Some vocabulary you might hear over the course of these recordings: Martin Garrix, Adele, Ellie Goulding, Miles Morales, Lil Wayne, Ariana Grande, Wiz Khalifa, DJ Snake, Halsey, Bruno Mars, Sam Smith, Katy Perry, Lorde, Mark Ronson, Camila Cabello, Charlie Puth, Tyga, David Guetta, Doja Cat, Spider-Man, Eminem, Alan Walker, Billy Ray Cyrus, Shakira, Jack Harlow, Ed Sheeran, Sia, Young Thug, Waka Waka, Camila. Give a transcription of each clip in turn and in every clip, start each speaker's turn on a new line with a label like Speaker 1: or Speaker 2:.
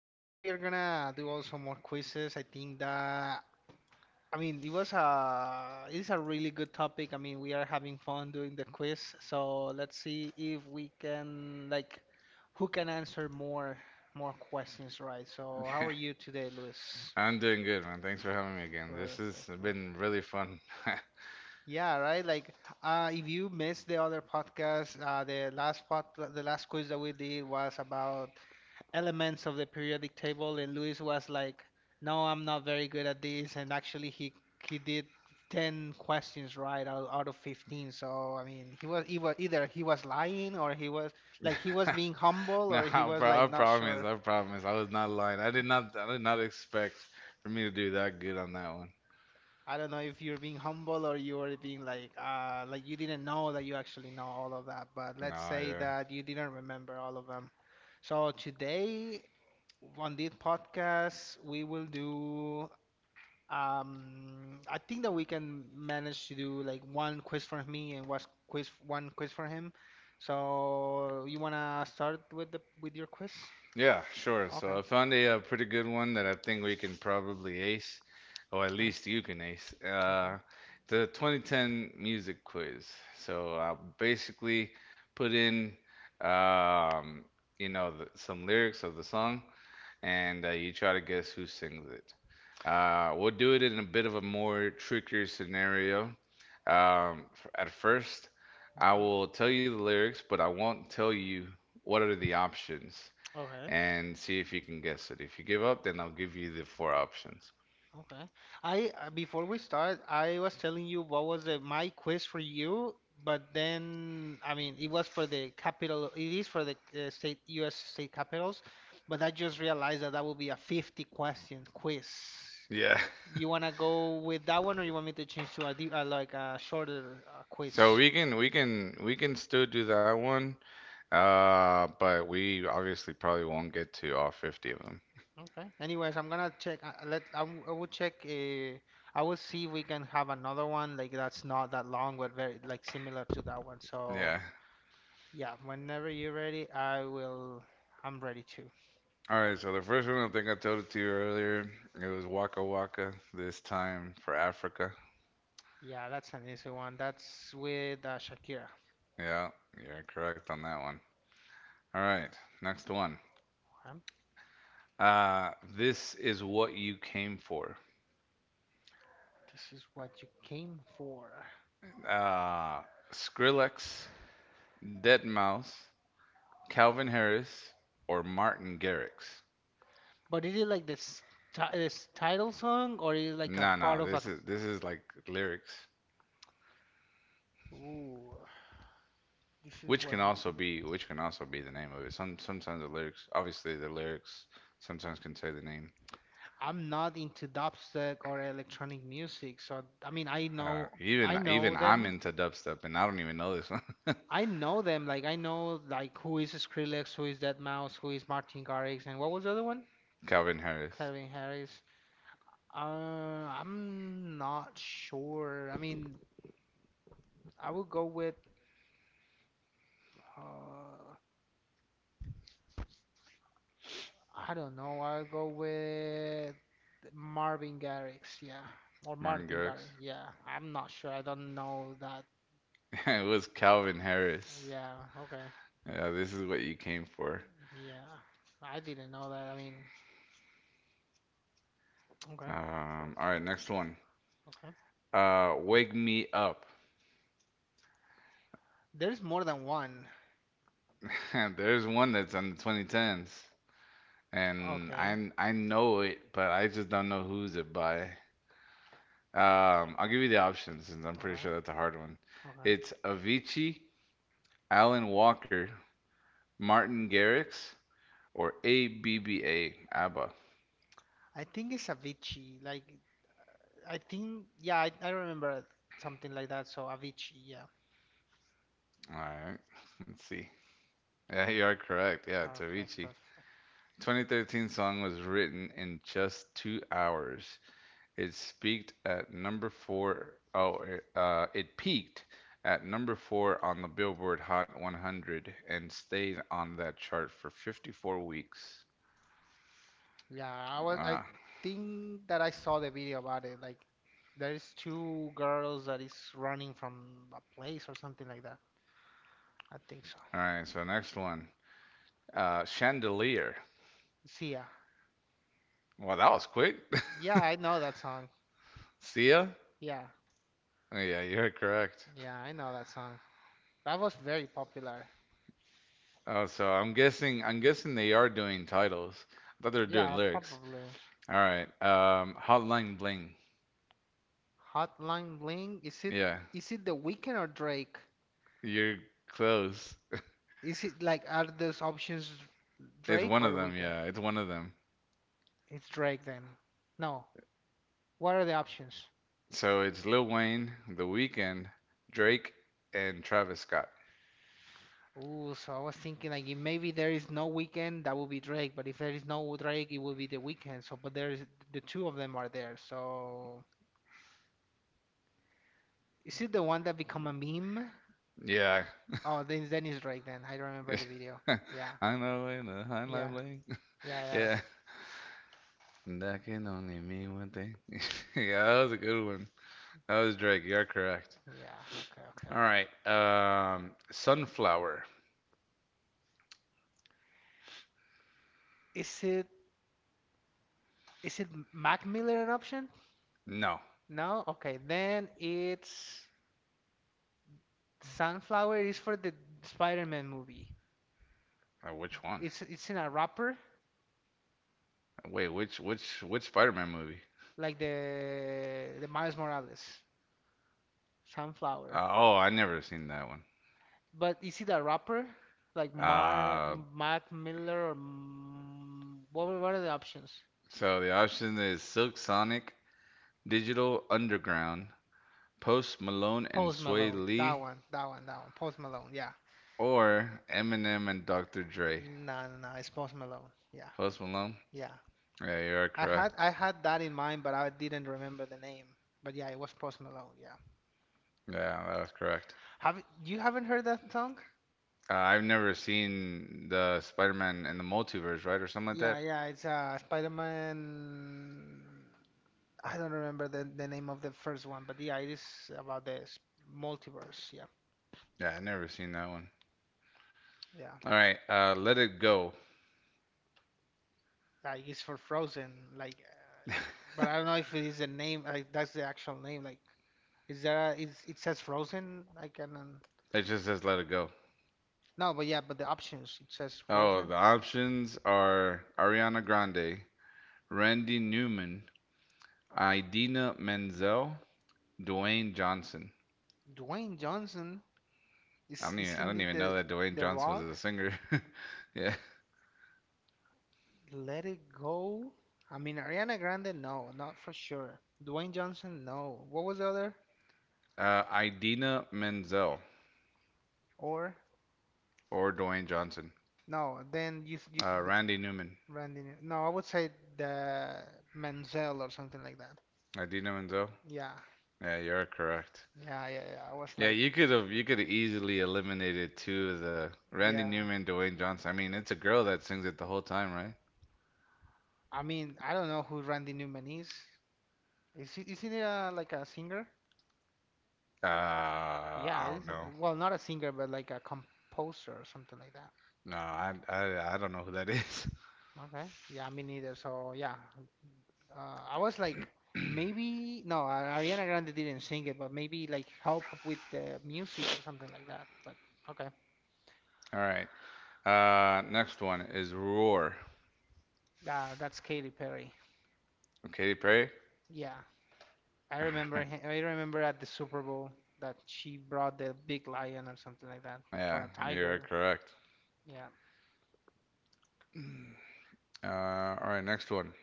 Speaker 1: right now we are gonna do also more quizzes. I think that I mean it's a really good topic. I mean we are having fun doing the quiz, so let's see if we can like who can answer more questions, right. So how are you today, Luis?
Speaker 2: I'm doing good, man. Thanks for having me again. This
Speaker 1: Perfect,
Speaker 2: has been
Speaker 1: perfect.
Speaker 2: really fun.
Speaker 1: Yeah, right. Like, if you missed the other podcast, the last quiz that we did was about elements of the periodic table, and Luis was like, "No, I'm not very good at this," and actually he did 10 questions right out of 15. So, I mean, he was either he was lying or he was like he was being humble
Speaker 2: No,
Speaker 1: or he
Speaker 2: I
Speaker 1: was
Speaker 2: pro-
Speaker 1: like
Speaker 2: I
Speaker 1: not
Speaker 2: promise,
Speaker 1: sure.
Speaker 2: I promise. I was not lying. I did not expect for me to do that good on that one.
Speaker 1: I don't know if you're being humble or you're being like you didn't know that you actually know all of that, but
Speaker 2: No,
Speaker 1: let's say
Speaker 2: yeah.
Speaker 1: that you didn't remember all of them. So today on this podcast we will do I think that we can manage to do like one quiz for me and one quiz for him. So you wanna start with the with your quiz?
Speaker 2: Yeah, sure.
Speaker 1: Okay,
Speaker 2: So I found a pretty good one that I think we can probably ace, or at
Speaker 1: okay,
Speaker 2: least you can ace.
Speaker 1: okay,
Speaker 2: The 2010 music quiz. So I basically put in, um, some lyrics of the song, and you try to guess who sings it. We'll do it in a bit of a more trickier scenario. Um, at first, I
Speaker 1: okay.
Speaker 2: will tell you the lyrics, but I won't tell you what are the options
Speaker 1: Okay.
Speaker 2: and see if you can guess it. If you give up, then I'll give you the four options.
Speaker 1: Okay. I before we start, I was telling you what was the, my quiz for you, but then I mean it was for the capital. It is for the state U.S. state capitals, but I just realized that that will be a 50 question quiz.
Speaker 2: Yeah.
Speaker 1: Do you wanna go with that one, or you want me to change to a, like a shorter
Speaker 2: So
Speaker 1: quiz?
Speaker 2: we can still do that one, but we obviously probably won't get to all 50 of them.
Speaker 1: Okay. Anyways, I'm gonna check. Let I will check. I will see if we can have another one like that's not that long, but very like similar to that one. So.
Speaker 2: Yeah.
Speaker 1: Yeah, whenever you're ready, I will. I'm ready too.
Speaker 2: All right, so the first one I think I told it to you earlier. It was Waka Waka, this time for Africa.
Speaker 1: Yeah, that's an easy one. That's with Shakira.
Speaker 2: Yeah, you're correct on that one. All right, next one.
Speaker 1: Um,
Speaker 2: Uh, this is what you came for.
Speaker 1: This is what you came for.
Speaker 2: Uh, Skrillex, Deadmau5, Calvin Harris, or Martin Garrix.
Speaker 1: But is it like this, this title song, or is it like a
Speaker 2: No,
Speaker 1: part
Speaker 2: no,
Speaker 1: of a?
Speaker 2: this is like lyrics,
Speaker 1: Ooh, this is
Speaker 2: which can
Speaker 1: what you
Speaker 2: also
Speaker 1: can.
Speaker 2: be which can also be the name of it. Sometimes the lyrics, obviously the lyrics sometimes can say the name.
Speaker 1: I'm not into dubstep or electronic music, so I mean, I know,
Speaker 2: Even
Speaker 1: I
Speaker 2: even
Speaker 1: know
Speaker 2: I'm
Speaker 1: them.
Speaker 2: into dubstep, and I don't even know this one.
Speaker 1: I know them. Like I know like who is Skrillex, who is Deadmau5, who is Martin Garrix, and what was the other one?
Speaker 2: Calvin Harris,
Speaker 1: Calvin Harris. I'm not sure. I mean, I would go with uh, I don't know. I'll go with Marvin Garrix, yeah, or
Speaker 2: Martin
Speaker 1: Martin
Speaker 2: Garrix.
Speaker 1: Garrix, yeah. I'm not sure. I don't know that.
Speaker 2: It was Calvin Harris.
Speaker 1: Yeah, okay,
Speaker 2: Yeah, this is what you came for.
Speaker 1: yeah. I didn't know that. I mean, okay,
Speaker 2: All right,
Speaker 1: perfect.
Speaker 2: next one.
Speaker 1: Okay,
Speaker 2: Wake Me Up.
Speaker 1: there's more than one.
Speaker 2: There's one that's on the 2010s, and
Speaker 1: Okay,
Speaker 2: I know it, but I just don't know who's it by. I'll give you the options since I'm pretty
Speaker 1: okay,
Speaker 2: sure that's a hard one.
Speaker 1: okay.
Speaker 2: It's Avicii, Alan Walker, Martin Garrix, or ABBA.
Speaker 1: I think it's Avicii. Like, I think, yeah, I remember something like that. So Avicii, yeah.
Speaker 2: All right. Let's see. Yeah, you are correct. Yeah,
Speaker 1: Okay,
Speaker 2: Tavichi.
Speaker 1: perfect.
Speaker 2: 2013 song was written in just 2 hours. It peaked at number four. Oh, it peaked at number four on the Billboard Hot 100 and stayed on that chart for 54 weeks.
Speaker 1: Yeah, I
Speaker 2: Ah,
Speaker 1: think that I saw the video about it. Like there is two girls that is running from a place or something like that. I think so.
Speaker 2: all right. So next one, Chandelier.
Speaker 1: Sia.
Speaker 2: Well, that was quick.
Speaker 1: Yeah, yeah, I know that song.
Speaker 2: Sia.
Speaker 1: Yeah,
Speaker 2: Oh, yeah, you're correct.
Speaker 1: yeah, I know that song. That was very popular.
Speaker 2: Oh, so I'm guessing they are doing titles. I thought they were doing
Speaker 1: Yeah,
Speaker 2: lyrics.
Speaker 1: probably.
Speaker 2: All right. Hotline Bling.
Speaker 1: Hotline Bling. Is it
Speaker 2: Yeah,
Speaker 1: is it The Weeknd or Drake?
Speaker 2: you're close.
Speaker 1: Is it like are those options
Speaker 2: It's
Speaker 1: Drake
Speaker 2: one
Speaker 1: or
Speaker 2: of them.
Speaker 1: Weeknd?
Speaker 2: Yeah, it's one of them.
Speaker 1: It's Drake then. No. What are the options?
Speaker 2: So it's Lil Wayne, The Weeknd, Drake, and Travis Scott.
Speaker 1: Ooh, so I was thinking like if maybe there is no weekend, that would be Drake, but if there is no Drake, it would be the weekend. So, but there is the two of them are there. So, is it the one that become a meme?
Speaker 2: Yeah.
Speaker 1: Oh, then it's Drake then. I remember the video. Yeah,
Speaker 2: I know in the Hotline
Speaker 1: yeah,
Speaker 2: Bling.
Speaker 1: yeah, yeah,
Speaker 2: Yeah. That can only mean one thing. Yeah, that was a good one. That was Drake. You're correct.
Speaker 1: yeah. Okay, okay,
Speaker 2: All
Speaker 1: okay.
Speaker 2: right. Sunflower.
Speaker 1: Is it is it Mac Miller an option?
Speaker 2: No.
Speaker 1: No. Okay, then it's Sunflower is for the Spider-Man movie.
Speaker 2: Which one?
Speaker 1: It's in a rapper
Speaker 2: Wait, which Spider-Man movie?
Speaker 1: like the Miles Morales. Sunflower.
Speaker 2: Oh, I never seen that one.
Speaker 1: But is it a rapper? Like Mar
Speaker 2: Uh,
Speaker 1: Mac Miller or what were what are the options?
Speaker 2: so the option is Silk Sonic, Digital Underground, Post Malone and
Speaker 1: Post
Speaker 2: Sway
Speaker 1: Malone. That
Speaker 2: Lee,
Speaker 1: one, that one, that one. Post Malone, yeah.
Speaker 2: or Eminem and Dr. Dre.
Speaker 1: No, no, no, it's Post Malone. Yeah.
Speaker 2: Post Malone?
Speaker 1: Yeah.
Speaker 2: Yeah, you are
Speaker 1: I had
Speaker 2: correct.
Speaker 1: I had that in mind, but I didn't remember the name. But yeah, it was Post Malone, yeah.
Speaker 2: Yeah, that was correct.
Speaker 1: Have you haven't heard that song?
Speaker 2: I've never seen the Spider-Man in the Multiverse, right, or something like
Speaker 1: Yeah,
Speaker 2: that.
Speaker 1: yeah, it's Spider-Man I don't remember the name of the first one, but yeah, it is about the multiverse, yeah.
Speaker 2: Yeah, I never seen that one.
Speaker 1: Yeah.
Speaker 2: All right, Let It Go.
Speaker 1: Like it's for Frozen. Like, but I don't know if it is the name. Like that's the actual name. Like, is there? A, is it says Frozen? I can.
Speaker 2: It just says Let It Go.
Speaker 1: No, but yeah, but the options it says
Speaker 2: Oh, the
Speaker 1: Frozen.
Speaker 2: options are Ariana Grande, Randy Newman, Idina Menzel, Dwayne Johnson.
Speaker 1: Dwayne Johnson
Speaker 2: I
Speaker 1: is
Speaker 2: don't even I
Speaker 1: isn't
Speaker 2: don't
Speaker 1: it
Speaker 2: even know that Dwayne
Speaker 1: the
Speaker 2: Johnson was a
Speaker 1: Rock?
Speaker 2: singer. Yeah.
Speaker 1: Let It Go. I mean Ariana Grande. No, not for sure. Dwayne Johnson. No. What was the other?
Speaker 2: Idina Menzel
Speaker 1: Or
Speaker 2: or Dwayne Johnson.
Speaker 1: no? Then you the-
Speaker 2: Randy Newman.
Speaker 1: Randy. No, I would say the Menzel or something like that.
Speaker 2: Idina Menzel.
Speaker 1: Yeah.
Speaker 2: Yeah, you're correct.
Speaker 1: Yeah, yeah, yeah. I was
Speaker 2: Yeah,
Speaker 1: like,
Speaker 2: you could have easily eliminated two of the Randy
Speaker 1: yeah.
Speaker 2: Newman, Dwayne Johnson. I mean, it's a girl that sings it the whole time, right?
Speaker 1: I mean, I don't know who Randy Newman is. Is he, isn't he like a singer? Yeah,
Speaker 2: I don't
Speaker 1: he's,
Speaker 2: know.
Speaker 1: well, not a singer, but like a composer or something like that.
Speaker 2: No, I don't know who that is.
Speaker 1: Okay. Yeah, me neither. So yeah, I was like, maybe no, Ariana Grande didn't sing it, but maybe like help with the music or something like that. But okay,
Speaker 2: All right. Next one is Roar.
Speaker 1: yeah, that's Katy Perry.
Speaker 2: Katy Perry.
Speaker 1: Yeah, I remember. I remember at the Super Bowl that she brought the big lion or something like that, or
Speaker 2: Yeah,
Speaker 1: a
Speaker 2: you're
Speaker 1: tiger.
Speaker 2: correct.
Speaker 1: Yeah.
Speaker 2: All right. Next one,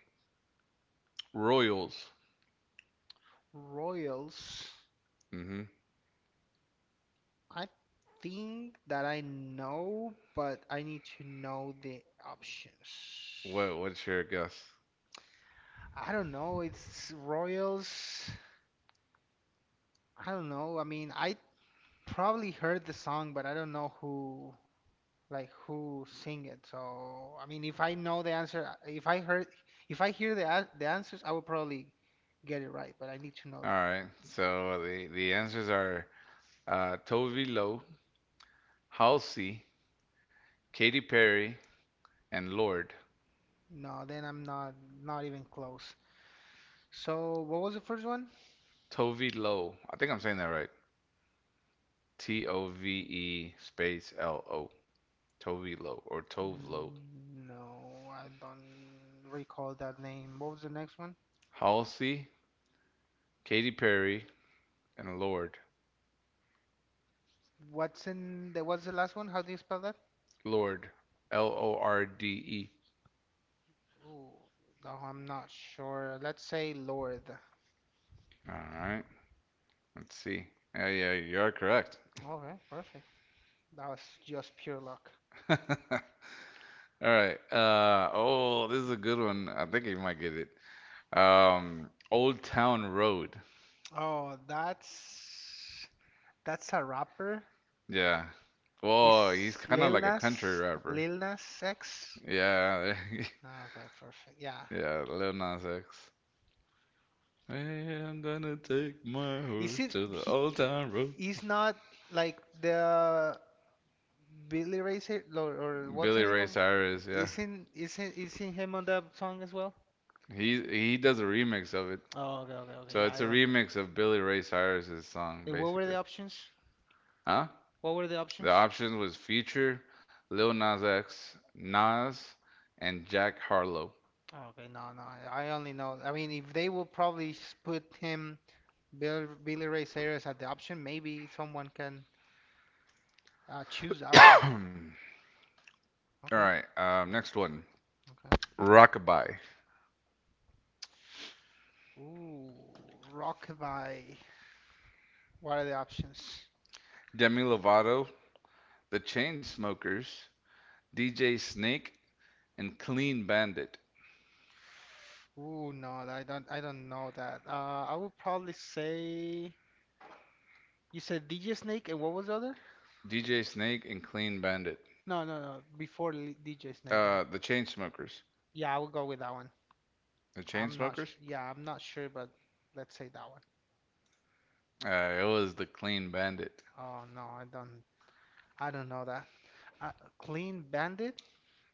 Speaker 2: Royals.
Speaker 1: Royals,
Speaker 2: Mm-hmm.
Speaker 1: I think that I know, but I need to know the options.
Speaker 2: What's your guess?
Speaker 1: I don't know, it's Royals. I don't know. I mean, I probably heard the song, but I don't know who like who sing it. So, I mean, if I know the answer, if I hear the the answers, I will probably get it right, but I need to know
Speaker 2: All
Speaker 1: that.
Speaker 2: right. So the answers are Tovi Lo, Halsey, Katy Perry, and Lord.
Speaker 1: No, then I'm not not even close. So, what was the first one?
Speaker 2: Tove Lo. I think I'm saying that right. Tove space L O. Tove Lo or Tove Lo.
Speaker 1: Mm, no, I don't recall that name. What was the next one?
Speaker 2: Halsey, Katy Perry, and Lord.
Speaker 1: What's in the what's the last one? How do you spell that?
Speaker 2: Lord. Lorde.
Speaker 1: Ooh, no, I'm not sure. Let's say Lord.
Speaker 2: All right. Let's see. Yeah, yeah, you are correct.
Speaker 1: Okay, perfect. That was just pure luck.
Speaker 2: All right. Oh, this is a good one. I think you might get it. Old Town Road.
Speaker 1: Oh, that's a rapper.
Speaker 2: Yeah. Whoa, he's
Speaker 1: Is
Speaker 2: kind of like a country rapper.
Speaker 1: Lil Nas X?
Speaker 2: Yeah.
Speaker 1: Okay, perfect. Yeah.
Speaker 2: Yeah, Lil Nas X. Hey, I'm gonna take my
Speaker 1: Is
Speaker 2: horse
Speaker 1: it
Speaker 2: to the
Speaker 1: he?
Speaker 2: Old Town Road.
Speaker 1: He's not like the Billy Ray Cyrus, or what's the
Speaker 2: Billy
Speaker 1: name
Speaker 2: Ray
Speaker 1: of?
Speaker 2: Cyrus, yeah.
Speaker 1: Isn't him on that song as well?
Speaker 2: He does a remix of it.
Speaker 1: Oh, okay, okay, okay.
Speaker 2: So
Speaker 1: Yeah,
Speaker 2: it's
Speaker 1: I
Speaker 2: a
Speaker 1: remember.
Speaker 2: remix of Billy Ray Cyrus's song,
Speaker 1: And what were the
Speaker 2: basically.
Speaker 1: options?
Speaker 2: Huh?
Speaker 1: What were the
Speaker 2: The
Speaker 1: options?
Speaker 2: options was Future, Lil Nas X, Nas, and Jack Harlow.
Speaker 1: Oh, okay, no, no. I only know. I mean, if they will probably put him Bill, Billy Ray Cyrus at the option, maybe someone can choose that one.
Speaker 2: All
Speaker 1: Okay.
Speaker 2: right,
Speaker 1: or-
Speaker 2: next one.
Speaker 1: Okay.
Speaker 2: Rockabye,
Speaker 1: Ooh, Rockabye. What are the options?
Speaker 2: Demi Lovato, The Chainsmokers, DJ Snake, and Clean Bandit.
Speaker 1: Ooh, no, I don't. I don't know that. I would probably say. You said DJ Snake and what was the other?
Speaker 2: DJ Snake and Clean Bandit.
Speaker 1: No, no, no. DJ Snake then.
Speaker 2: The Chainsmokers.
Speaker 1: Yeah, I would go with that one.
Speaker 2: The
Speaker 1: I'm not
Speaker 2: Chainsmokers?
Speaker 1: sure. Yeah, I'm not sure, but let's say that one.
Speaker 2: It was The Clean Bandit.
Speaker 1: Oh no, I don't. I don't know that. Uh, Clean Bandit?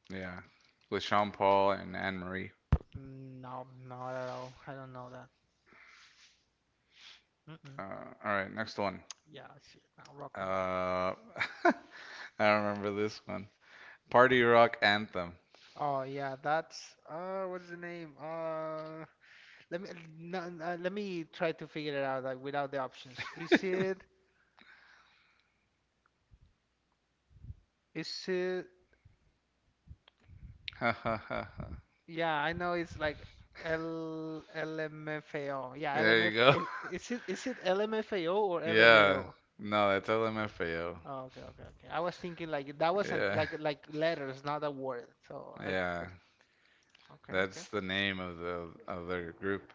Speaker 2: Yeah, with Sean Paul and Anne Marie.
Speaker 1: Mm, no, not at all. I don't know that. Mm-mm.
Speaker 2: Uh, all right, next one.
Speaker 1: Yeah, shit. No, Rockabye.
Speaker 2: Uh, I remember this one. Party rock anthem.
Speaker 1: Oh yeah, that's what's the name? Let me no, let me try to figure it out like without the options. Is it? Is it?
Speaker 2: Ha ha ha ha.
Speaker 1: Yeah, I know it's like L LMFAO. Yeah,
Speaker 2: There you
Speaker 1: LMF.
Speaker 2: go.
Speaker 1: Is it LMFAO or
Speaker 2: Yeah.
Speaker 1: LMAO?
Speaker 2: No, that's LMFAO.
Speaker 1: Oh, okay, okay, okay. I was thinking like that wasn't
Speaker 2: Yeah.
Speaker 1: like letters, not a word. So I
Speaker 2: Yeah.
Speaker 1: but- okay, okay.
Speaker 2: That's the name of their group.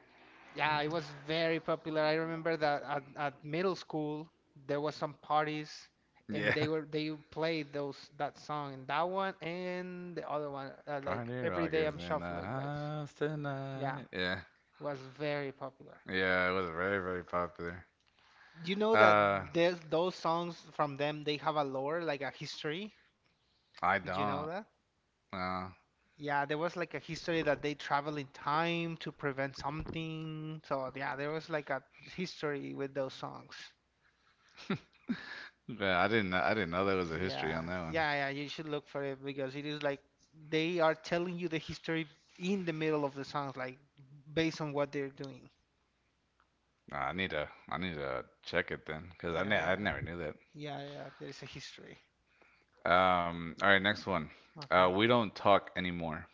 Speaker 1: Yeah, it was very popular. I remember that at middle school there was some parties and
Speaker 2: Yeah.
Speaker 1: they were they played those that song and that one and the other one like
Speaker 2: Party
Speaker 1: every
Speaker 2: rock
Speaker 1: day
Speaker 2: is
Speaker 1: I'm
Speaker 2: in the
Speaker 1: shuffling like
Speaker 2: house
Speaker 1: yeah,
Speaker 2: tonight. Yeah.
Speaker 1: it was very popular.
Speaker 2: Yeah, it was very, very popular.
Speaker 1: You know that
Speaker 2: Uh,
Speaker 1: there's those songs from them, they have a lore, like a history.
Speaker 2: I
Speaker 1: Did you know
Speaker 2: don't.
Speaker 1: that?
Speaker 2: Uh,
Speaker 1: Yeah, there was like a history that they travel in time to prevent something. So yeah, there was like a history with those songs.
Speaker 2: yeah, I didn't know there was a history
Speaker 1: Yeah,
Speaker 2: on that one.
Speaker 1: yeah, yeah. You should look for it because it is like they are telling you the history in the middle of the songs, like based on what they're doing.
Speaker 2: Nah, I need to check it then, cause
Speaker 1: Yeah,
Speaker 2: I
Speaker 1: yeah,
Speaker 2: never knew that.
Speaker 1: yeah, yeah. There's a history.
Speaker 2: All right, next one.
Speaker 1: Okay.
Speaker 2: We don't talk anymore.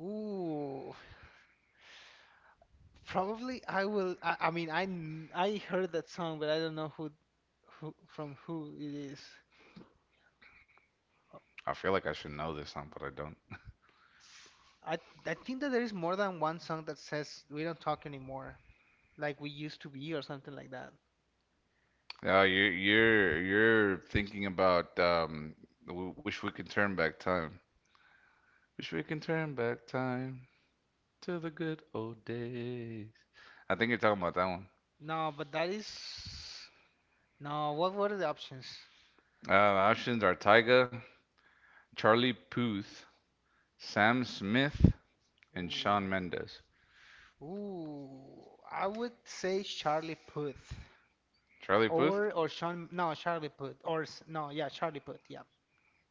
Speaker 1: Ooh, probably I will. I mean, I I heard that song, but I don't know who from who it is. Uh,
Speaker 2: I feel like I should know this song, but I don't.
Speaker 1: I I think that there is more than one song that says we don't talk anymore, like we used to be or something like that.
Speaker 2: You're thinking about wish we could turn back time. Wish we can turn back time to the good old days. I think you're talking about that one.
Speaker 1: No, but that is no. What were the options?
Speaker 2: The options are Tyga, Charlie Puth, Sam Smith, and Sean
Speaker 1: Ooh,
Speaker 2: Mendes.
Speaker 1: ooh. I would say Charlie Puth
Speaker 2: Charlie Puth?
Speaker 1: or Sean. No, Charlie Puth or s- no, yeah, Charlie Puth. Yeah,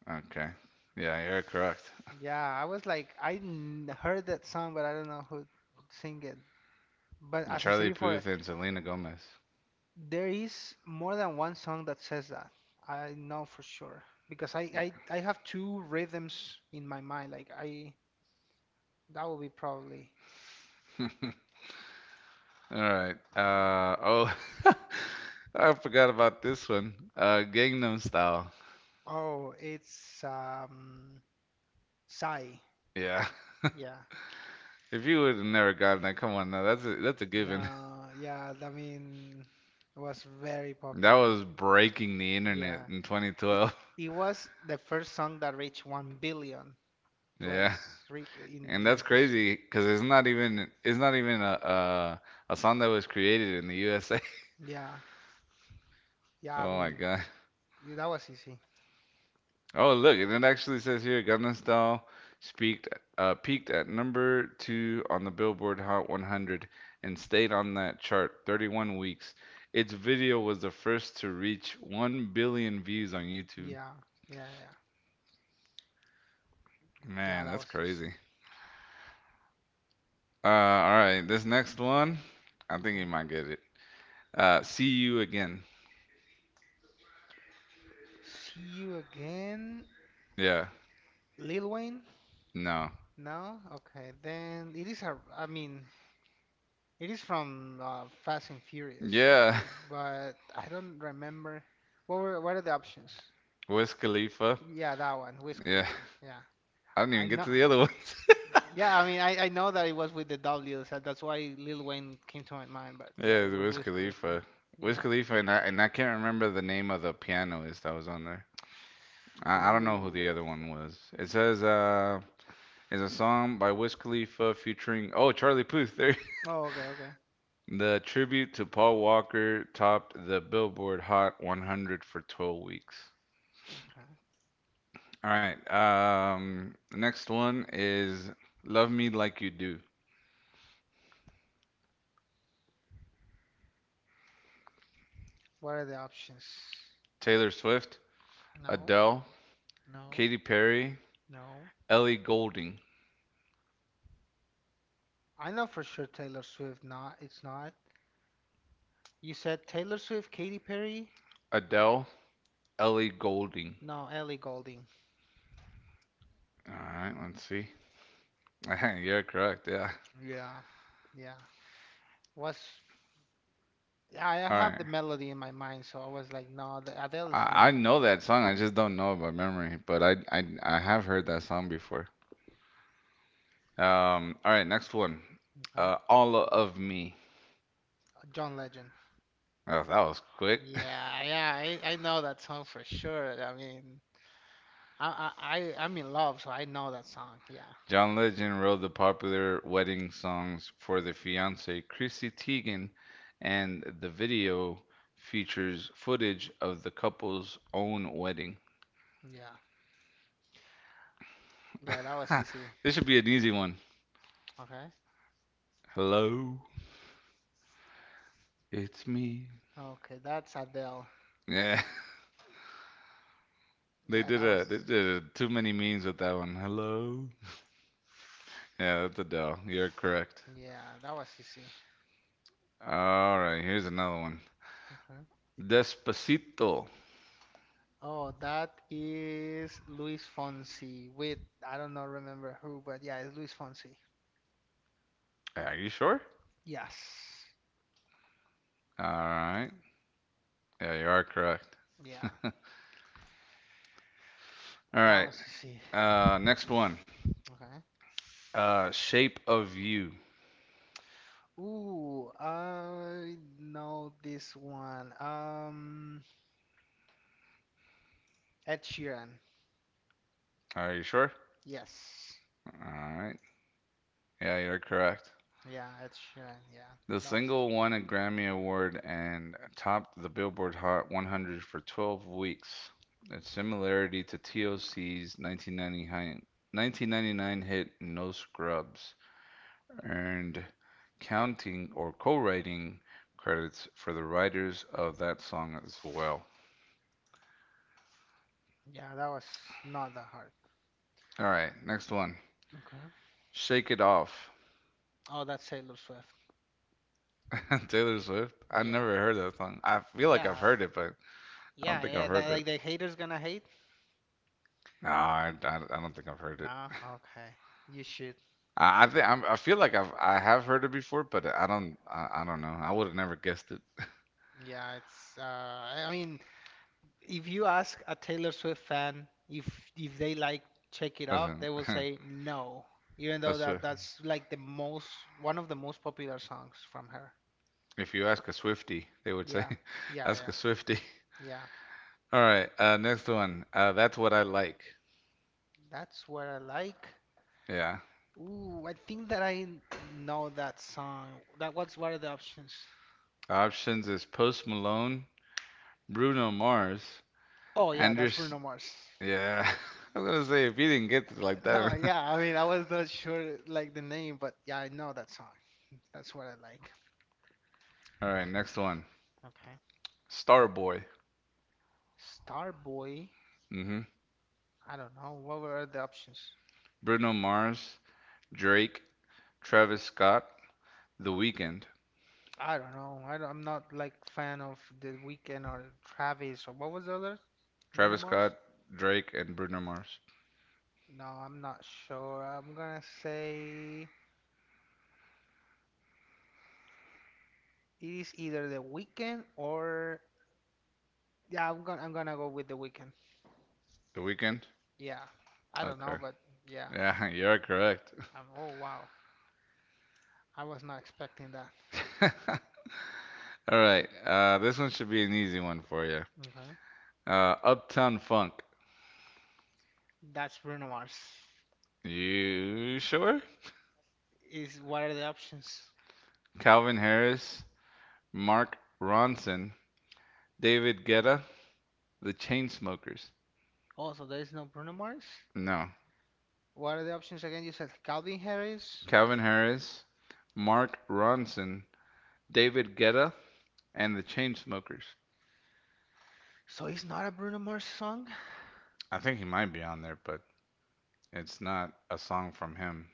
Speaker 2: Okay. Yeah, you're correct.
Speaker 1: yeah. I was like, I heard that song, but I don't know who sing it. But
Speaker 2: And
Speaker 1: as I said
Speaker 2: Charlie
Speaker 1: before,
Speaker 2: Puth and Selena Gomez.
Speaker 1: there is more than one song that says that. I know for sure because I
Speaker 2: Yeah.
Speaker 1: I, I have two rhythms in my mind. Like I that will be probably.
Speaker 2: All right. Oh, I forgot about this one. Gangnam Style.
Speaker 1: Oh, it's Psy.
Speaker 2: Yeah.
Speaker 1: Yeah.
Speaker 2: If you would have never gotten that, come on now. That's a given.
Speaker 1: No, yeah, I mean it was very
Speaker 2: That
Speaker 1: popular.
Speaker 2: was breaking the internet
Speaker 1: Yeah.
Speaker 2: in
Speaker 1: It,
Speaker 2: 2012.
Speaker 1: it was the first song that reached 1 billion
Speaker 2: Yeah.
Speaker 1: plays re in
Speaker 2: And that's
Speaker 1: in history.
Speaker 2: crazy because it's not even a song that was created in the USA.
Speaker 1: Yeah. Yeah, I
Speaker 2: Oh my
Speaker 1: mean
Speaker 2: God.
Speaker 1: that was easy.
Speaker 2: Oh, look, and it actually says here Gangnam Style peaked peaked at number two on the Billboard Hot 100 and stayed on that chart 31 weeks. Its video was the first to reach 1 billion views on YouTube.
Speaker 1: Yeah, yeah, yeah. Yeah,
Speaker 2: Man,
Speaker 1: that
Speaker 2: that's
Speaker 1: was easy.
Speaker 2: crazy. All right, this next one, I think you
Speaker 1: Okay.
Speaker 2: might get it. See you again.
Speaker 1: See you again,
Speaker 2: Yeah,
Speaker 1: Lil Wayne?
Speaker 2: no,
Speaker 1: No? Okay, then it is a, I mean, it is from Fast and Furious,
Speaker 2: yeah,
Speaker 1: but I don't remember. What are the options?
Speaker 2: Wiz Khalifa.
Speaker 1: Yeah, that one, Wiz
Speaker 2: Yeah,
Speaker 1: Khalifa. Yeah.
Speaker 2: I didn't
Speaker 1: I
Speaker 2: even get
Speaker 1: know.
Speaker 2: to the other ones.
Speaker 1: Yeah, I mean, I know that it was with the W, so that's why Lil Wayne came to my mind, but yeah,
Speaker 2: Yeah, it
Speaker 1: it
Speaker 2: was
Speaker 1: was
Speaker 2: Wiz
Speaker 1: Wiz Khalifa.
Speaker 2: Khalifa. Wiz
Speaker 1: Yeah.
Speaker 2: Khalifa, and I can't remember the name of the pianist that was on there. I don't know who the other
Speaker 1: Ooh.
Speaker 2: one was. It says, it's a song by Wiz Khalifa featuring, oh, Charlie Puth. There.
Speaker 1: Oh, okay, okay.
Speaker 2: The tribute to Paul Walker topped the Billboard Hot 100 for 12 weeks.
Speaker 1: Okay.
Speaker 2: All right. The next one is Love Me Like You Do.
Speaker 1: What are the options?
Speaker 2: Taylor Swift,
Speaker 1: No,
Speaker 2: Adele,
Speaker 1: no,
Speaker 2: Katy Perry,
Speaker 1: no.
Speaker 2: Ellie Goulding.
Speaker 1: I know for sure Taylor Swift. Not, it's not. You said Taylor Swift, Katy Perry?
Speaker 2: Adele, Ellie Goulding.
Speaker 1: No, Ellie Goulding.
Speaker 2: All right, let's see. You're correct. Yeah.
Speaker 1: Yeah, yeah. Was I
Speaker 2: All
Speaker 1: have the
Speaker 2: right.
Speaker 1: melody in my mind, so I was like, no, the Adele is
Speaker 2: I
Speaker 1: not.
Speaker 2: know that song. I just don't know it by memory, but I have heard that song before. All right. Next one.
Speaker 1: Okay.
Speaker 2: All of Me.
Speaker 1: John Legend.
Speaker 2: Oh, that was quick.
Speaker 1: Yeah, yeah. I know that song for sure. I mean, I'm in love, so I know that song. Yeah,
Speaker 2: John Legend wrote the popular wedding songs for the fiancee Chrissy Teigen, and the video features footage of the couple's own wedding.
Speaker 1: yeah, yeah. That was easy.
Speaker 2: This should be an easy one.
Speaker 1: Okay.
Speaker 2: Hello, it's me.
Speaker 1: Okay, that's Adele.
Speaker 2: Yeah. They
Speaker 1: Yeah,
Speaker 2: did
Speaker 1: that was.
Speaker 2: a they did a, too many memes with that one. Hello. Yeah, that's Adele. You're correct.
Speaker 1: Yeah, that was easy.
Speaker 2: All right, here's another one.
Speaker 1: Okay.
Speaker 2: Despacito.
Speaker 1: Oh, that is Luis Fonsi with I don't know remember who, but yeah, it's Luis Fonsi.
Speaker 2: Yeah, are you sure?
Speaker 1: Yes.
Speaker 2: All right. Yeah, you are correct.
Speaker 1: Yeah,
Speaker 2: All
Speaker 1: that
Speaker 2: right.
Speaker 1: was easy.
Speaker 2: Next one.
Speaker 1: Okay.
Speaker 2: Shape of you.
Speaker 1: Ooh, I know this one. Ed Sheeran.
Speaker 2: Are you sure?
Speaker 1: Yes.
Speaker 2: All right. Yeah, you're correct.
Speaker 1: Yeah, Ed Sheeran. Yeah,
Speaker 2: The
Speaker 1: that was.
Speaker 2: single won a Grammy Award and topped the Billboard Hot 100 for 12 weeks, a similarity to TLC's 1999 hit No Scrubs, earned counting or co-writing credits for the writers of that song as well.
Speaker 1: Yeah, that was not that hard.
Speaker 2: All right, next one.
Speaker 1: Okay.
Speaker 2: Shake It Off,
Speaker 1: Oh, that's Taylor Swift.
Speaker 2: Taylor Swift. I
Speaker 1: Yeah.
Speaker 2: never heard that song. I feel like I've
Speaker 1: Yeah.
Speaker 2: heard it, but I don't
Speaker 1: Yeah.
Speaker 2: think I've
Speaker 1: Yeah. That
Speaker 2: heard it.
Speaker 1: like the haters gonna hate?
Speaker 2: No, I don't think I've heard it.
Speaker 1: Nah. Okay. You should.
Speaker 2: I feel like I have heard it before, but I don't know. I would have never guessed it.
Speaker 1: Yeah, it's I mean, if you ask a Taylor Swift fan if they like check it off,
Speaker 2: Listen,
Speaker 1: they will say no, even though
Speaker 2: that's a-
Speaker 1: that's like the most one of the most popular songs from her.
Speaker 2: if you ask a Swiftie, they would say,
Speaker 1: Yeah. Yeah,
Speaker 2: ask a
Speaker 1: yeah.
Speaker 2: Swiftie.
Speaker 1: Yeah.
Speaker 2: All right, next one. That's what I like.
Speaker 1: That's what I like.
Speaker 2: Yeah.
Speaker 1: Ooh, I think that I know that song. That what's what are the options?
Speaker 2: Options is Post Malone, Bruno Mars,
Speaker 1: Oh yeah, that's
Speaker 2: Anders.
Speaker 1: Bruno Mars.
Speaker 2: Yeah. I was gonna say if you didn't get it like
Speaker 1: No,
Speaker 2: that.
Speaker 1: yeah, I mean I was not sure like the name, but yeah, I know that song. That's what I like.
Speaker 2: All right, next one.
Speaker 1: Okay.
Speaker 2: Starboy.
Speaker 1: Starboy.
Speaker 2: Mm-hmm.
Speaker 1: I don't know. What were the options?
Speaker 2: Bruno Mars, Drake, Travis Scott, The Weeknd.
Speaker 1: I don't know. I don't, I'm not like fan of The Weeknd or Travis or what was the other? Bruno
Speaker 2: Travis
Speaker 1: Mars?
Speaker 2: Scott, Drake, and Bruno Mars.
Speaker 1: No, I'm not sure. I'm gonna say it is either The Weeknd or yeah. I'm gonna go with The Weeknd.
Speaker 2: The Weeknd?
Speaker 1: Yeah. I don't know,
Speaker 2: Okay.
Speaker 1: but yeah.
Speaker 2: Yeah, you're correct.
Speaker 1: I Oh, wow. I was not expecting that.
Speaker 2: All right. This one should be an easy one for you.
Speaker 1: Okay.
Speaker 2: Uptown Funk.
Speaker 1: That's Bruno Mars.
Speaker 2: You sure?
Speaker 1: Is what are the options?
Speaker 2: Calvin Harris, Mark Ronson, David Guetta, The Chainsmokers.
Speaker 1: Also, there is no Bruno Mars?
Speaker 2: No.
Speaker 1: What are the options again? You said Calvin Harris.
Speaker 2: Calvin Harris, Mark Ronson, David Guetta, and The Chainsmokers.
Speaker 1: So it's not a Bruno Mars song.
Speaker 2: I think he might be on there, but it's not a song from him.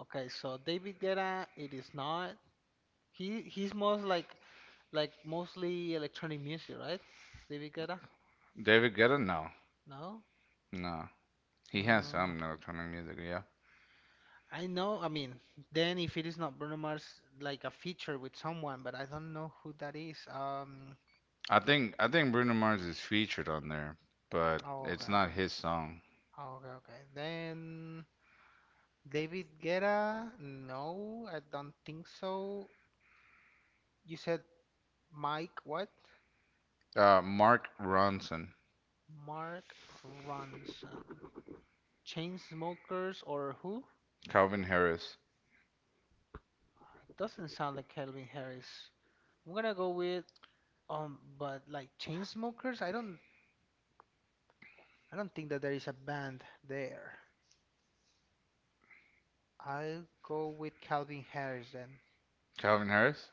Speaker 1: Okay, so David Guetta, it is not. He's most like mostly electronic music, right? David Guetta?
Speaker 2: David Guetta? No.
Speaker 1: No?
Speaker 2: No, he has
Speaker 1: Uh,
Speaker 2: some electronic music. Yeah,
Speaker 1: I know. I mean, then if it is not Bruno Mars, like a feature with someone, but I don't know who that is.
Speaker 2: I think Bruno Mars is featured on there, but
Speaker 1: Oh, okay,
Speaker 2: it's not
Speaker 1: okay.
Speaker 2: his song.
Speaker 1: Oh, okay, okay. Then David Guetta? No, I don't think so. You said Mike what?
Speaker 2: Mark Ronson,
Speaker 1: Mark Ronson. Chainsmokers or who?
Speaker 2: Calvin Harris,
Speaker 1: Doesn't sound like Calvin Harris. I'm gonna go with but like Chainsmokers, I don't think that there is a band there. I'll go with Calvin Harris then.
Speaker 2: Calvin Harris.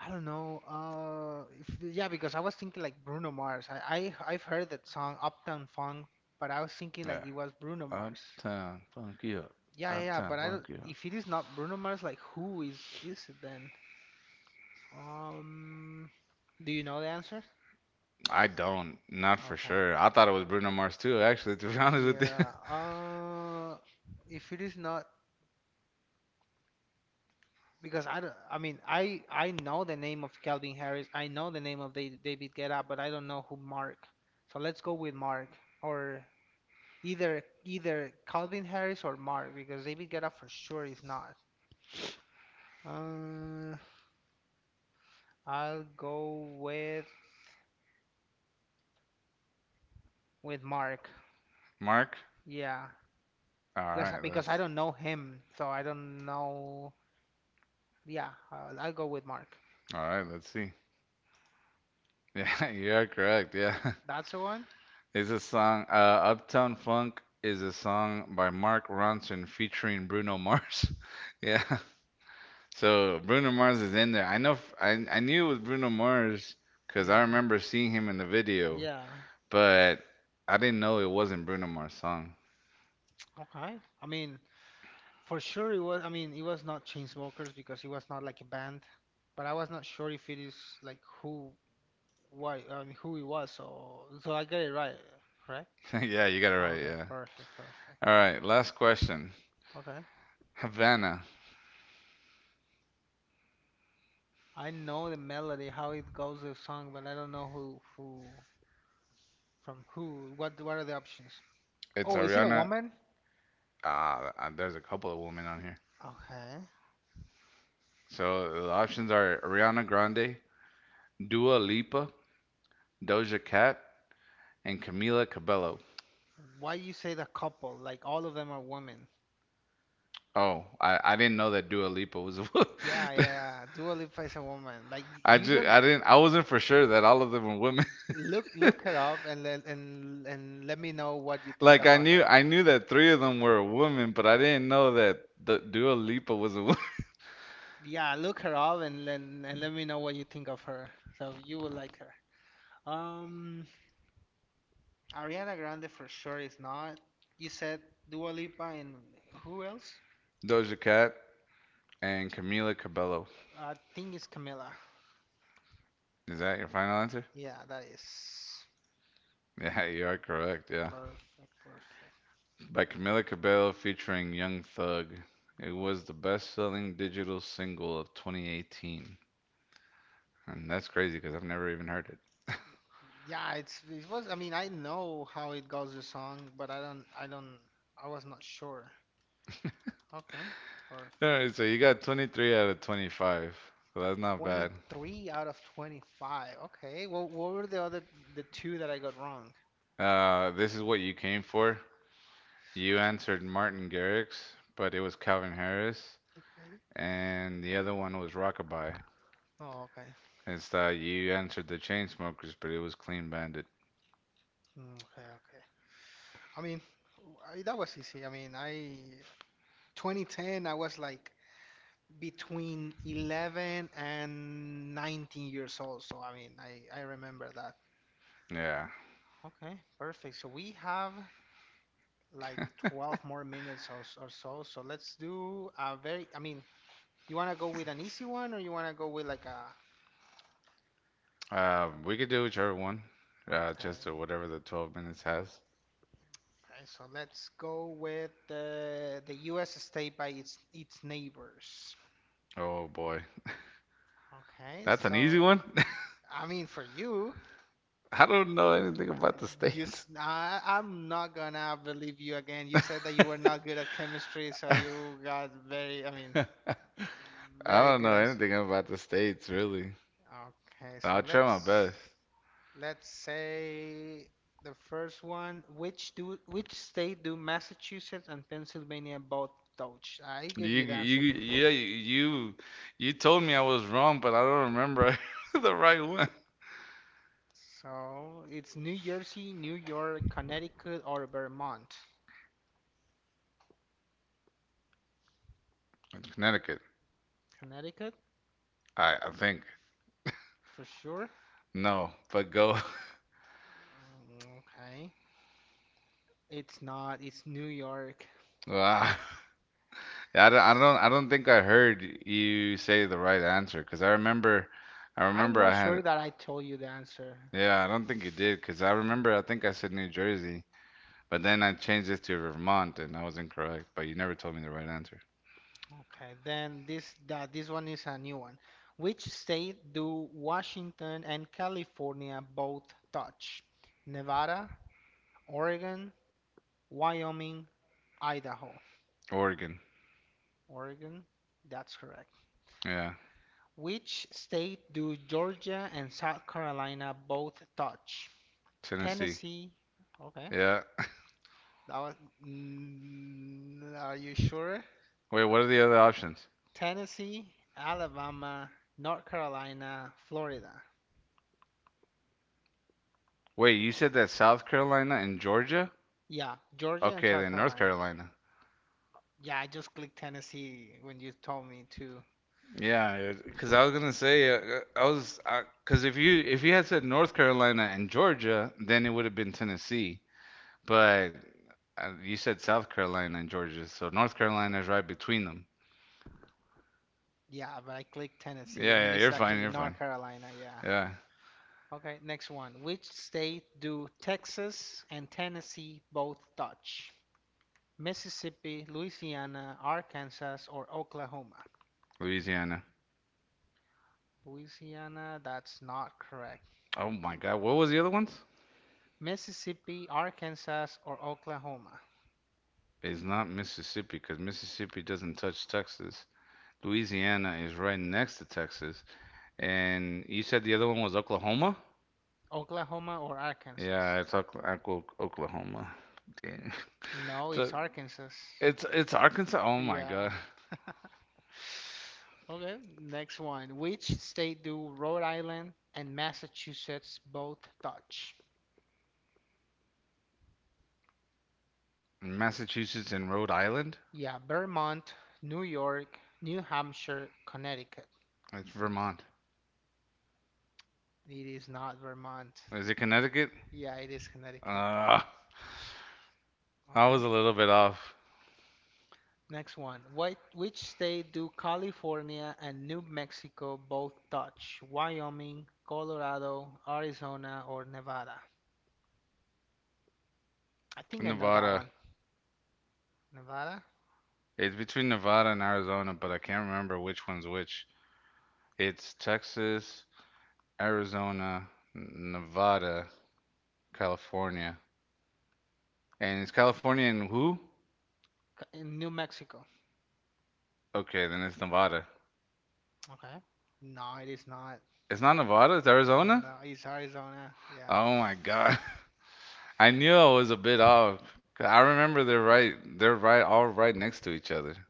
Speaker 1: I don't know. If, Yeah, because I was thinking like Bruno Mars. I've heard that song Uptown Funk, but I was thinking like
Speaker 2: Yeah,
Speaker 1: it was Bruno Mars.
Speaker 2: Uptown Funk You Up,
Speaker 1: Yeah, yeah, yeah,
Speaker 2: Uptown
Speaker 1: but I
Speaker 2: Funk
Speaker 1: don't.
Speaker 2: You Up.
Speaker 1: If it is not Bruno Mars, like who is it then? Um, do you know the answer?
Speaker 2: I don't, not for
Speaker 1: Okay.
Speaker 2: sure. I thought it was Bruno Mars too, actually. To be honest with you,
Speaker 1: Yeah. If it is not because I don't, I mean, I know the name of Calvin Harris. I know the name of David Guetta, but I don't know who Mark. So let's go with Mark or either Calvin Harris or Mark because David Guetta for sure is not. Uh, I'll go with Mark.
Speaker 2: Mark.
Speaker 1: Yeah.
Speaker 2: All
Speaker 1: Because,
Speaker 2: right,
Speaker 1: because I
Speaker 2: let's.
Speaker 1: don't know him, so I don't know. Yeah, I'll go with Mark.
Speaker 2: All right, let's see. Yeah, you're correct. Yeah.
Speaker 1: That's the one?
Speaker 2: It's a song. Uptown Funk is a song by Mark Ronson featuring Bruno Mars. Yeah. So Bruno Mars is in there. I know. I knew it was Bruno Mars because I
Speaker 1: Yeah,
Speaker 2: remember seeing him in the video,
Speaker 1: yeah.
Speaker 2: but I didn't know it wasn't Bruno Mars' song.
Speaker 1: Okay. I mean, for sure it was. I mean, it was not Chainsmokers because it was not like a band, but I was not sure if it is like who, why, I mean, who it was. So I got it right, right?
Speaker 2: Yeah, you got it right.
Speaker 1: Okay,
Speaker 2: Yeah.
Speaker 1: perfect, perfect.
Speaker 2: All right. Last question.
Speaker 1: Okay.
Speaker 2: Havana.
Speaker 1: I know the melody, how it goes, the song, but I don't know who, from who. What are the options?
Speaker 2: It's
Speaker 1: Oh, is it a
Speaker 2: Ariana.
Speaker 1: woman?
Speaker 2: Ah, there's a couple of women on here.
Speaker 1: Okay.
Speaker 2: So the options are Ariana Grande, Dua Lipa, Doja Cat, and Camila Cabello.
Speaker 1: Why you say the couple? Like all of them are women.
Speaker 2: Oh, I didn't know that Dua Lipa was a wo-.
Speaker 1: Yeah, yeah, yeah. Dua Lipa is a woman. Like
Speaker 2: I
Speaker 1: you
Speaker 2: just
Speaker 1: don't
Speaker 2: I wasn't for sure that all of them were women.
Speaker 1: look her up and let me know what you think
Speaker 2: Like I
Speaker 1: about
Speaker 2: knew
Speaker 1: her.
Speaker 2: I knew that three of them were women, but I didn't know that the Dua Lipa was a woman.
Speaker 1: Yeah, look her up and let me know what you think of her. So you will like her. Um, Ariana Grande for sure is not. You said Dua Lipa and who else?
Speaker 2: Doja Cat and Camila Cabello.
Speaker 1: I think it's Camila.
Speaker 2: Is that your final answer?
Speaker 1: Yeah, that is
Speaker 2: Yeah, you are correct. Yeah,
Speaker 1: perfect, perfect.
Speaker 2: by Camila Cabello featuring Young Thug. It was the best-selling digital single of 2018, and that's crazy because I've never even heard it.
Speaker 1: Yeah, it was. I mean, I know how it goes the song, but I was not sure. Okay,
Speaker 2: All
Speaker 1: perfect.
Speaker 2: right, so you got 23 out of 25, so that's not bad.
Speaker 1: 23 out of 25. Okay, well, what were the two that I got wrong?
Speaker 2: This is what you came for. You answered Martin Garrix, but it was Calvin Harris,
Speaker 1: Okay.
Speaker 2: and the other one was Rockabye.
Speaker 1: Oh, okay.
Speaker 2: It's that you answered the Chainsmokers, but it was Clean Bandit.
Speaker 1: Okay, okay. I mean, that was easy. I mean, I, 2010 I was like between 11 and 19 years old, so I mean, I remember that.
Speaker 2: Yeah.
Speaker 1: Okay, perfect. So we have like 12 more minutes or so. So let's do a very, I mean, you want to go with an easy one or you want to go with like a.
Speaker 2: We could do whichever one. Just or
Speaker 1: Okay.
Speaker 2: whatever the 12 minutes has.
Speaker 1: Okay, so let's go with the US state by its neighbors.
Speaker 2: Oh boy,
Speaker 1: Okay,
Speaker 2: that's an easy
Speaker 1: so
Speaker 2: one.
Speaker 1: I mean, for you,
Speaker 2: I don't know anything about the states.
Speaker 1: I am not gonna believe you again. You said that you were not good at chemistry, so you got very, I mean,
Speaker 2: I
Speaker 1: very
Speaker 2: don't
Speaker 1: good
Speaker 2: know
Speaker 1: answer.
Speaker 2: anything about the states really.
Speaker 1: Okay, so
Speaker 2: I'll try my
Speaker 1: let's
Speaker 2: best.
Speaker 1: Let's say the first one. Which state do Massachusetts and Pennsylvania both touch? I
Speaker 2: You
Speaker 1: gave you the answer
Speaker 2: you
Speaker 1: before.
Speaker 2: yeah you told me I was wrong, but I don't remember the right one.
Speaker 1: So it's New Jersey, New York, Connecticut, or Vermont.
Speaker 2: Connecticut,
Speaker 1: Connecticut
Speaker 2: I think
Speaker 1: for sure.
Speaker 2: no, but go.
Speaker 1: Mm, okay. It's not. It's New York.
Speaker 2: Wow. Yeah, I don't think I heard you say the right answer because I remember I
Speaker 1: I'm
Speaker 2: remember I
Speaker 1: not sure
Speaker 2: had
Speaker 1: that I told you the answer.
Speaker 2: yeah I don't think you did because I remember I think I said New Jersey, but then I changed it to Vermont and I was incorrect. But you never told me the right answer.
Speaker 1: Okay, then this one is a new one. Which state do Washington and California both touch? Nevada, Oregon, Wyoming, Idaho.
Speaker 2: Oregon,
Speaker 1: Oregon, that's correct.
Speaker 2: yeah,
Speaker 1: Which state do Georgia and South Carolina both touch?
Speaker 2: Tennessee,
Speaker 1: Tennessee. Okay.
Speaker 2: yeah.
Speaker 1: That was, are you sure?
Speaker 2: Wait, what are the other options?
Speaker 1: Tennessee, Alabama, North Carolina, Florida.
Speaker 2: Wait, you said that South Carolina and Georgia?
Speaker 1: Yeah, Georgia and
Speaker 2: Okay, then
Speaker 1: South
Speaker 2: North
Speaker 1: Carolina.
Speaker 2: Carolina.
Speaker 1: Yeah, I just clicked Tennessee when you told me to.
Speaker 2: Yeah, because I was gonna say I was because if you had said North Carolina and Georgia, then it would have been Tennessee. But you said South Carolina and Georgia, so North Carolina is right between them.
Speaker 1: Yeah, but I clicked Tennessee
Speaker 2: Yeah,
Speaker 1: and it
Speaker 2: yeah,
Speaker 1: is
Speaker 2: you're fine,
Speaker 1: actually
Speaker 2: you're fine.
Speaker 1: North Carolina. Yeah.
Speaker 2: Yeah,
Speaker 1: Okay, next one. Which state do Texas and Tennessee both touch? Mississippi, Louisiana, Arkansas, or Oklahoma?
Speaker 2: Louisiana.
Speaker 1: Louisiana, that's not correct.
Speaker 2: Oh my God, what was the other ones?
Speaker 1: Mississippi, Arkansas, or Oklahoma?
Speaker 2: It's not Mississippi because Mississippi doesn't touch Texas. Louisiana is right next to Texas. And you said the other one was Oklahoma?
Speaker 1: Oklahoma or Arkansas?
Speaker 2: Yeah, it's Oklahoma. Dang.
Speaker 1: No,
Speaker 2: So
Speaker 1: it's Arkansas.
Speaker 2: it's Arkansas. Oh my
Speaker 1: Yeah.
Speaker 2: God.
Speaker 1: Okay, next one. Which state do Rhode Island and Massachusetts both touch?
Speaker 2: Massachusetts and Rhode Island.
Speaker 1: Yeah, Vermont, New York, New Hampshire, Connecticut.
Speaker 2: It's Vermont.
Speaker 1: It is not Vermont.
Speaker 2: Is it Connecticut?
Speaker 1: Yeah, it is Connecticut.
Speaker 2: Uh, I
Speaker 1: Okay.
Speaker 2: was a little bit off.
Speaker 1: Next one. Which state do California and New Mexico both touch? Wyoming, Colorado, Arizona, or Nevada? I think I know that
Speaker 2: Nevada.
Speaker 1: one. Nevada?
Speaker 2: It's between Nevada and Arizona, but I can't remember which one's which. It's Texas, Arizona, Nevada, California. And it's California and who?
Speaker 1: In New Mexico.
Speaker 2: Okay, then it's Nevada.
Speaker 1: Okay. No, it is not.
Speaker 2: It's not Nevada, it's Arizona?
Speaker 1: No, it's Arizona. Yeah.
Speaker 2: Oh my God. I knew I was a bit off. 'Cause I remember they're right. They're right, all right next to each other.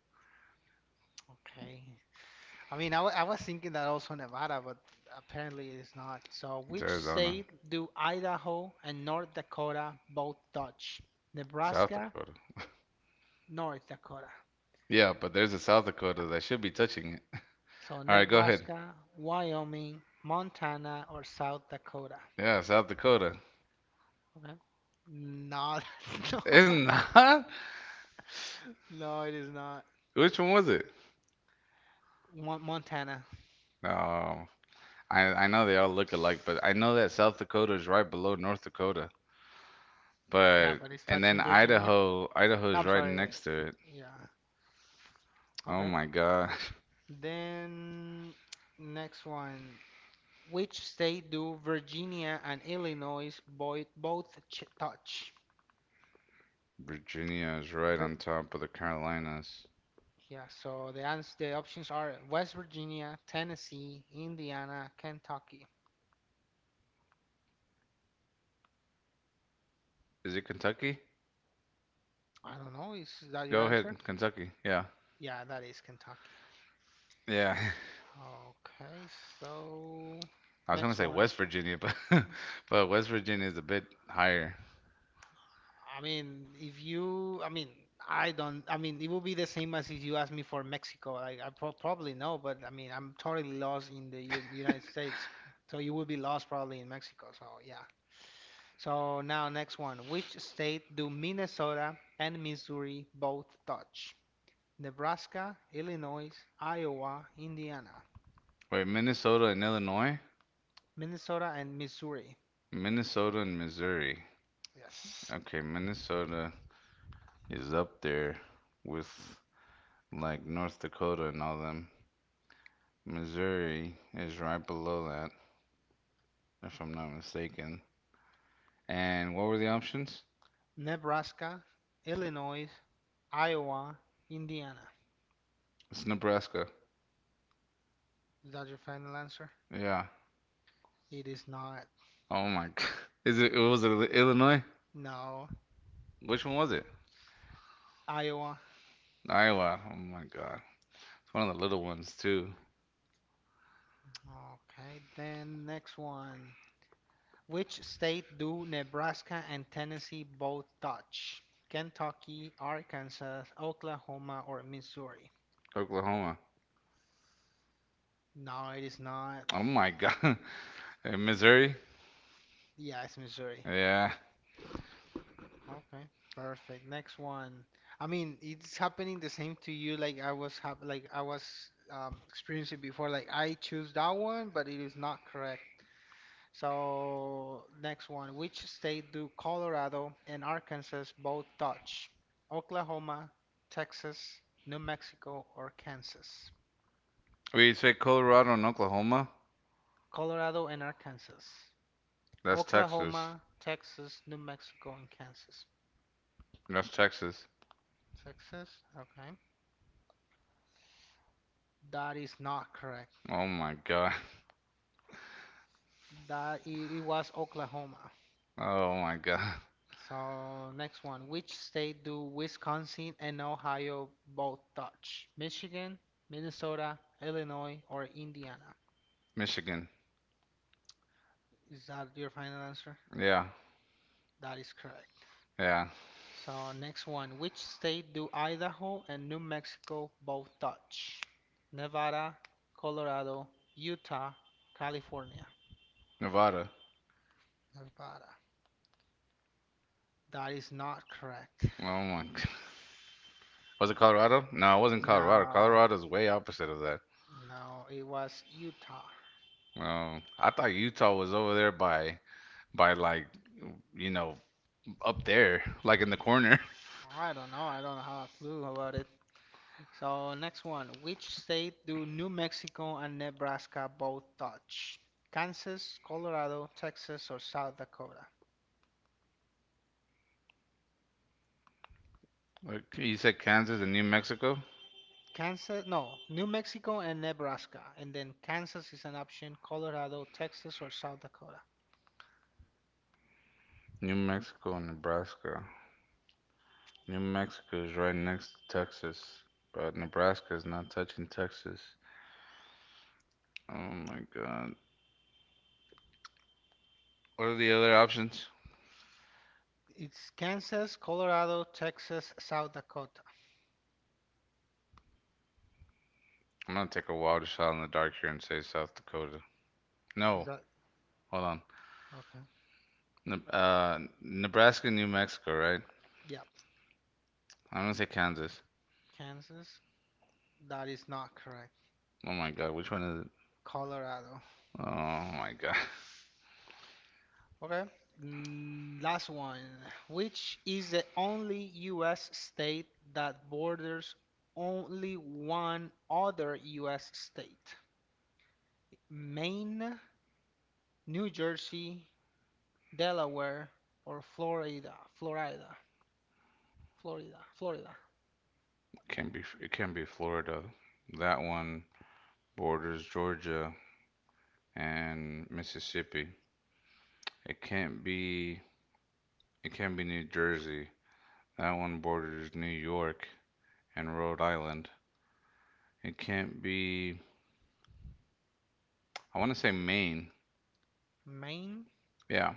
Speaker 1: Okay. I mean, I was thinking that also Nevada, but apparently it is not. So,
Speaker 2: It's
Speaker 1: which
Speaker 2: Arizona,
Speaker 1: state do Idaho and North Dakota both touch?
Speaker 2: South
Speaker 1: Nebraska,
Speaker 2: Dakota.
Speaker 1: North Dakota.
Speaker 2: Yeah, but there's a South Dakota that should be touching it.
Speaker 1: So,
Speaker 2: All right, go ahead.
Speaker 1: Nebraska, Wyoming, Montana, or South Dakota.
Speaker 2: Yeah, South Dakota.
Speaker 1: Okay. No, no,
Speaker 2: It's not.
Speaker 1: no, it is not.
Speaker 2: Which one was it?
Speaker 1: Montana.
Speaker 2: No, I know they all look alike, but I know that South Dakota is right below North Dakota.
Speaker 1: Yeah,
Speaker 2: But
Speaker 1: but it's
Speaker 2: and then
Speaker 1: touching Virginia.
Speaker 2: Idaho is
Speaker 1: I'm
Speaker 2: right
Speaker 1: sorry.
Speaker 2: next to it.
Speaker 1: Yeah.
Speaker 2: Oh
Speaker 1: Okay.
Speaker 2: my God.
Speaker 1: Then next one. Which state do Virginia and Illinois both both ch touch?
Speaker 2: Virginia is right
Speaker 1: Vir
Speaker 2: on top of the Carolinas.
Speaker 1: Yeah, so the options are West Virginia, Tennessee, Indiana, Kentucky.
Speaker 2: Is it Kentucky?
Speaker 1: I don't know, is that
Speaker 2: Go
Speaker 1: your
Speaker 2: ahead,
Speaker 1: answer?
Speaker 2: Kentucky. Yeah.
Speaker 1: Yeah, that is Kentucky.
Speaker 2: Yeah.
Speaker 1: Okay, so
Speaker 2: I was gonna
Speaker 1: next
Speaker 2: say
Speaker 1: one.
Speaker 2: West Virginia, but but West Virginia is a bit higher.
Speaker 1: I mean, if you, I mean, I don't, I mean, it would be the same as if you asked me for Mexico. I probably know, but I mean, I'm totally lost in the U United States. So you will be lost probably in Mexico. So yeah. So now next one. Which state do Minnesota and Missouri both touch? Nebraska, Illinois, Iowa, Indiana.
Speaker 2: Wait, Minnesota and Illinois?
Speaker 1: Minnesota and Missouri.
Speaker 2: Minnesota and Missouri.
Speaker 1: Yes.
Speaker 2: Okay, Minnesota is up there with like North Dakota and all them. Missouri is right below that, if I'm not mistaken. And what were the options?
Speaker 1: Nebraska, Illinois, Iowa, Indiana.
Speaker 2: It's Nebraska.
Speaker 1: Is that your final answer?
Speaker 2: Yeah.
Speaker 1: It is not.
Speaker 2: Oh my God. Was it was Illinois?
Speaker 1: No.
Speaker 2: Which one was it?
Speaker 1: Iowa.
Speaker 2: Iowa. Oh my God. One of the little ones too.
Speaker 1: Okay. Then next one. Which state do Nebraska and Tennessee both touch? Kentucky, Arkansas, Oklahoma, or Missouri?
Speaker 2: Oklahoma.
Speaker 1: No, it is not.
Speaker 2: Oh my god. In Missouri?
Speaker 1: Yeah, it's Missouri.
Speaker 2: Yeah.
Speaker 1: Okay. Perfect. Next one. I mean, it's happening the same to you like I was experiencing before. Like I choose that one, but it is not correct. So next one, which state do Colorado and Arkansas both touch? Oklahoma, Texas, New Mexico, or Kansas?
Speaker 2: We say Colorado and Oklahoma?
Speaker 1: Colorado and Arkansas.
Speaker 2: That's Texas.
Speaker 1: Oklahoma, Texas, New Mexico, and Kansas.
Speaker 2: That's Texas.
Speaker 1: Texas, okay. That is not correct.
Speaker 2: Oh my god.
Speaker 1: It was Oklahoma.
Speaker 2: Oh my god.
Speaker 1: So next one, which state do Wisconsin and Ohio both touch? Michigan, Minnesota, Illinois, or Indiana?
Speaker 2: Michigan.
Speaker 1: Is that your final answer?
Speaker 2: Yeah.
Speaker 1: That is correct.
Speaker 2: Yeah.
Speaker 1: So next one, which state do Idaho and New Mexico both touch? Nevada, Colorado, Utah, California.
Speaker 2: Nevada.
Speaker 1: Nevada. That is not correct.
Speaker 2: Oh my god. Was it Colorado? No, it wasn't Colorado.
Speaker 1: No,
Speaker 2: Colorado's way opposite of that.
Speaker 1: no, it was Utah.
Speaker 2: Oh, I thought Utah was over there by like you know up there, like in the corner.
Speaker 1: I don't know. I don't have a clue about it. So next one, which state do New Mexico and Nebraska both touch? Kansas, Colorado, Texas, or South Dakota?
Speaker 2: Like, you said Kansas and New Mexico.
Speaker 1: Kansas, no, New Mexico and Nebraska, and then Kansas is an option, Colorado, Texas, or South Dakota.
Speaker 2: New Mexico and Nebraska. New Mexico is right next to Texas, but Nebraska is not touching Texas. Oh my god. What are the other options?
Speaker 1: It's Kansas, Colorado, Texas, South Dakota.
Speaker 2: I'm gonna take a wild shot in the dark here and say South Dakota.
Speaker 1: Is
Speaker 2: No,
Speaker 1: that
Speaker 2: hold on.
Speaker 1: okay?
Speaker 2: Nebraska, New Mexico, right?
Speaker 1: Yeah,
Speaker 2: I'm gonna say Kansas.
Speaker 1: Kansas. That is not correct.
Speaker 2: Oh my god, which one is it?
Speaker 1: Colorado.
Speaker 2: Oh my god.
Speaker 1: Okay. Last one. Which is the only U.S. state that borders only one other U.S. state? Maine, New Jersey, Delaware or Florida, Florida, Florida, Florida,
Speaker 2: It can't be Florida. That one borders Georgia and Mississippi. It can't be It can't be New Jersey. That one borders New York and Rhode Island. It can't be, I want to say Maine.
Speaker 1: Maine.
Speaker 2: Yeah.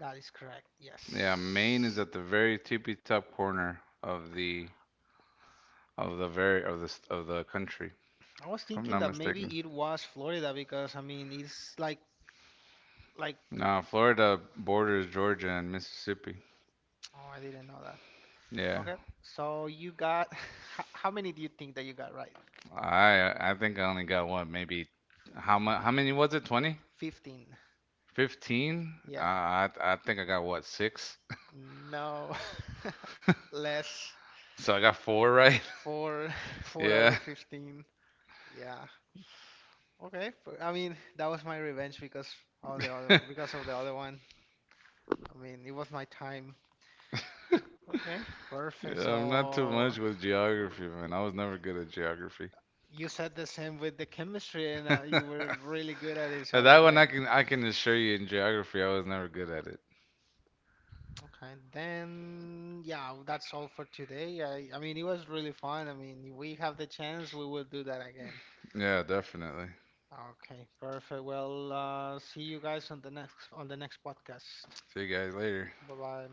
Speaker 1: That is correct.
Speaker 2: Yeah, Maine is
Speaker 1: Yes.
Speaker 2: at the very tippy top corner of the very of the country, if
Speaker 1: I was
Speaker 2: I'm
Speaker 1: thinking
Speaker 2: not
Speaker 1: that
Speaker 2: mistaken.
Speaker 1: maybe it was Florida because I mean it's like
Speaker 2: No, Florida borders Georgia and Mississippi.
Speaker 1: oh I didn't know that.
Speaker 2: Yeah.
Speaker 1: Okay. So you got how many do you think that you got right?
Speaker 2: I think I only got what maybe how many was it? 20?
Speaker 1: 15.
Speaker 2: 15?
Speaker 1: Yeah.
Speaker 2: I think I got what, six?
Speaker 1: No. Less.
Speaker 2: So I got four right?
Speaker 1: Four four out
Speaker 2: Yeah.
Speaker 1: of 15. Yeah. Okay. I mean that was my revenge because of the other one. I mean, it was my time. Okay,
Speaker 2: Yeah,
Speaker 1: perfect.
Speaker 2: I'm not too
Speaker 1: So
Speaker 2: much
Speaker 1: uh,
Speaker 2: with geography, man. I was never good at geography.
Speaker 1: you said the same with the chemistry, and you were really good at it. So
Speaker 2: But
Speaker 1: I
Speaker 2: that
Speaker 1: was
Speaker 2: one
Speaker 1: like,
Speaker 2: I can assure you in geography I was never good at it.
Speaker 1: okay, then yeah, that's all for today. I mean, it was really fun. I mean, if we have the chance, we will do that again.
Speaker 2: Yeah, definitely.
Speaker 1: Okay, perfect. Well, see you guys on the next podcast.
Speaker 2: See you guys later.
Speaker 1: Bye bye.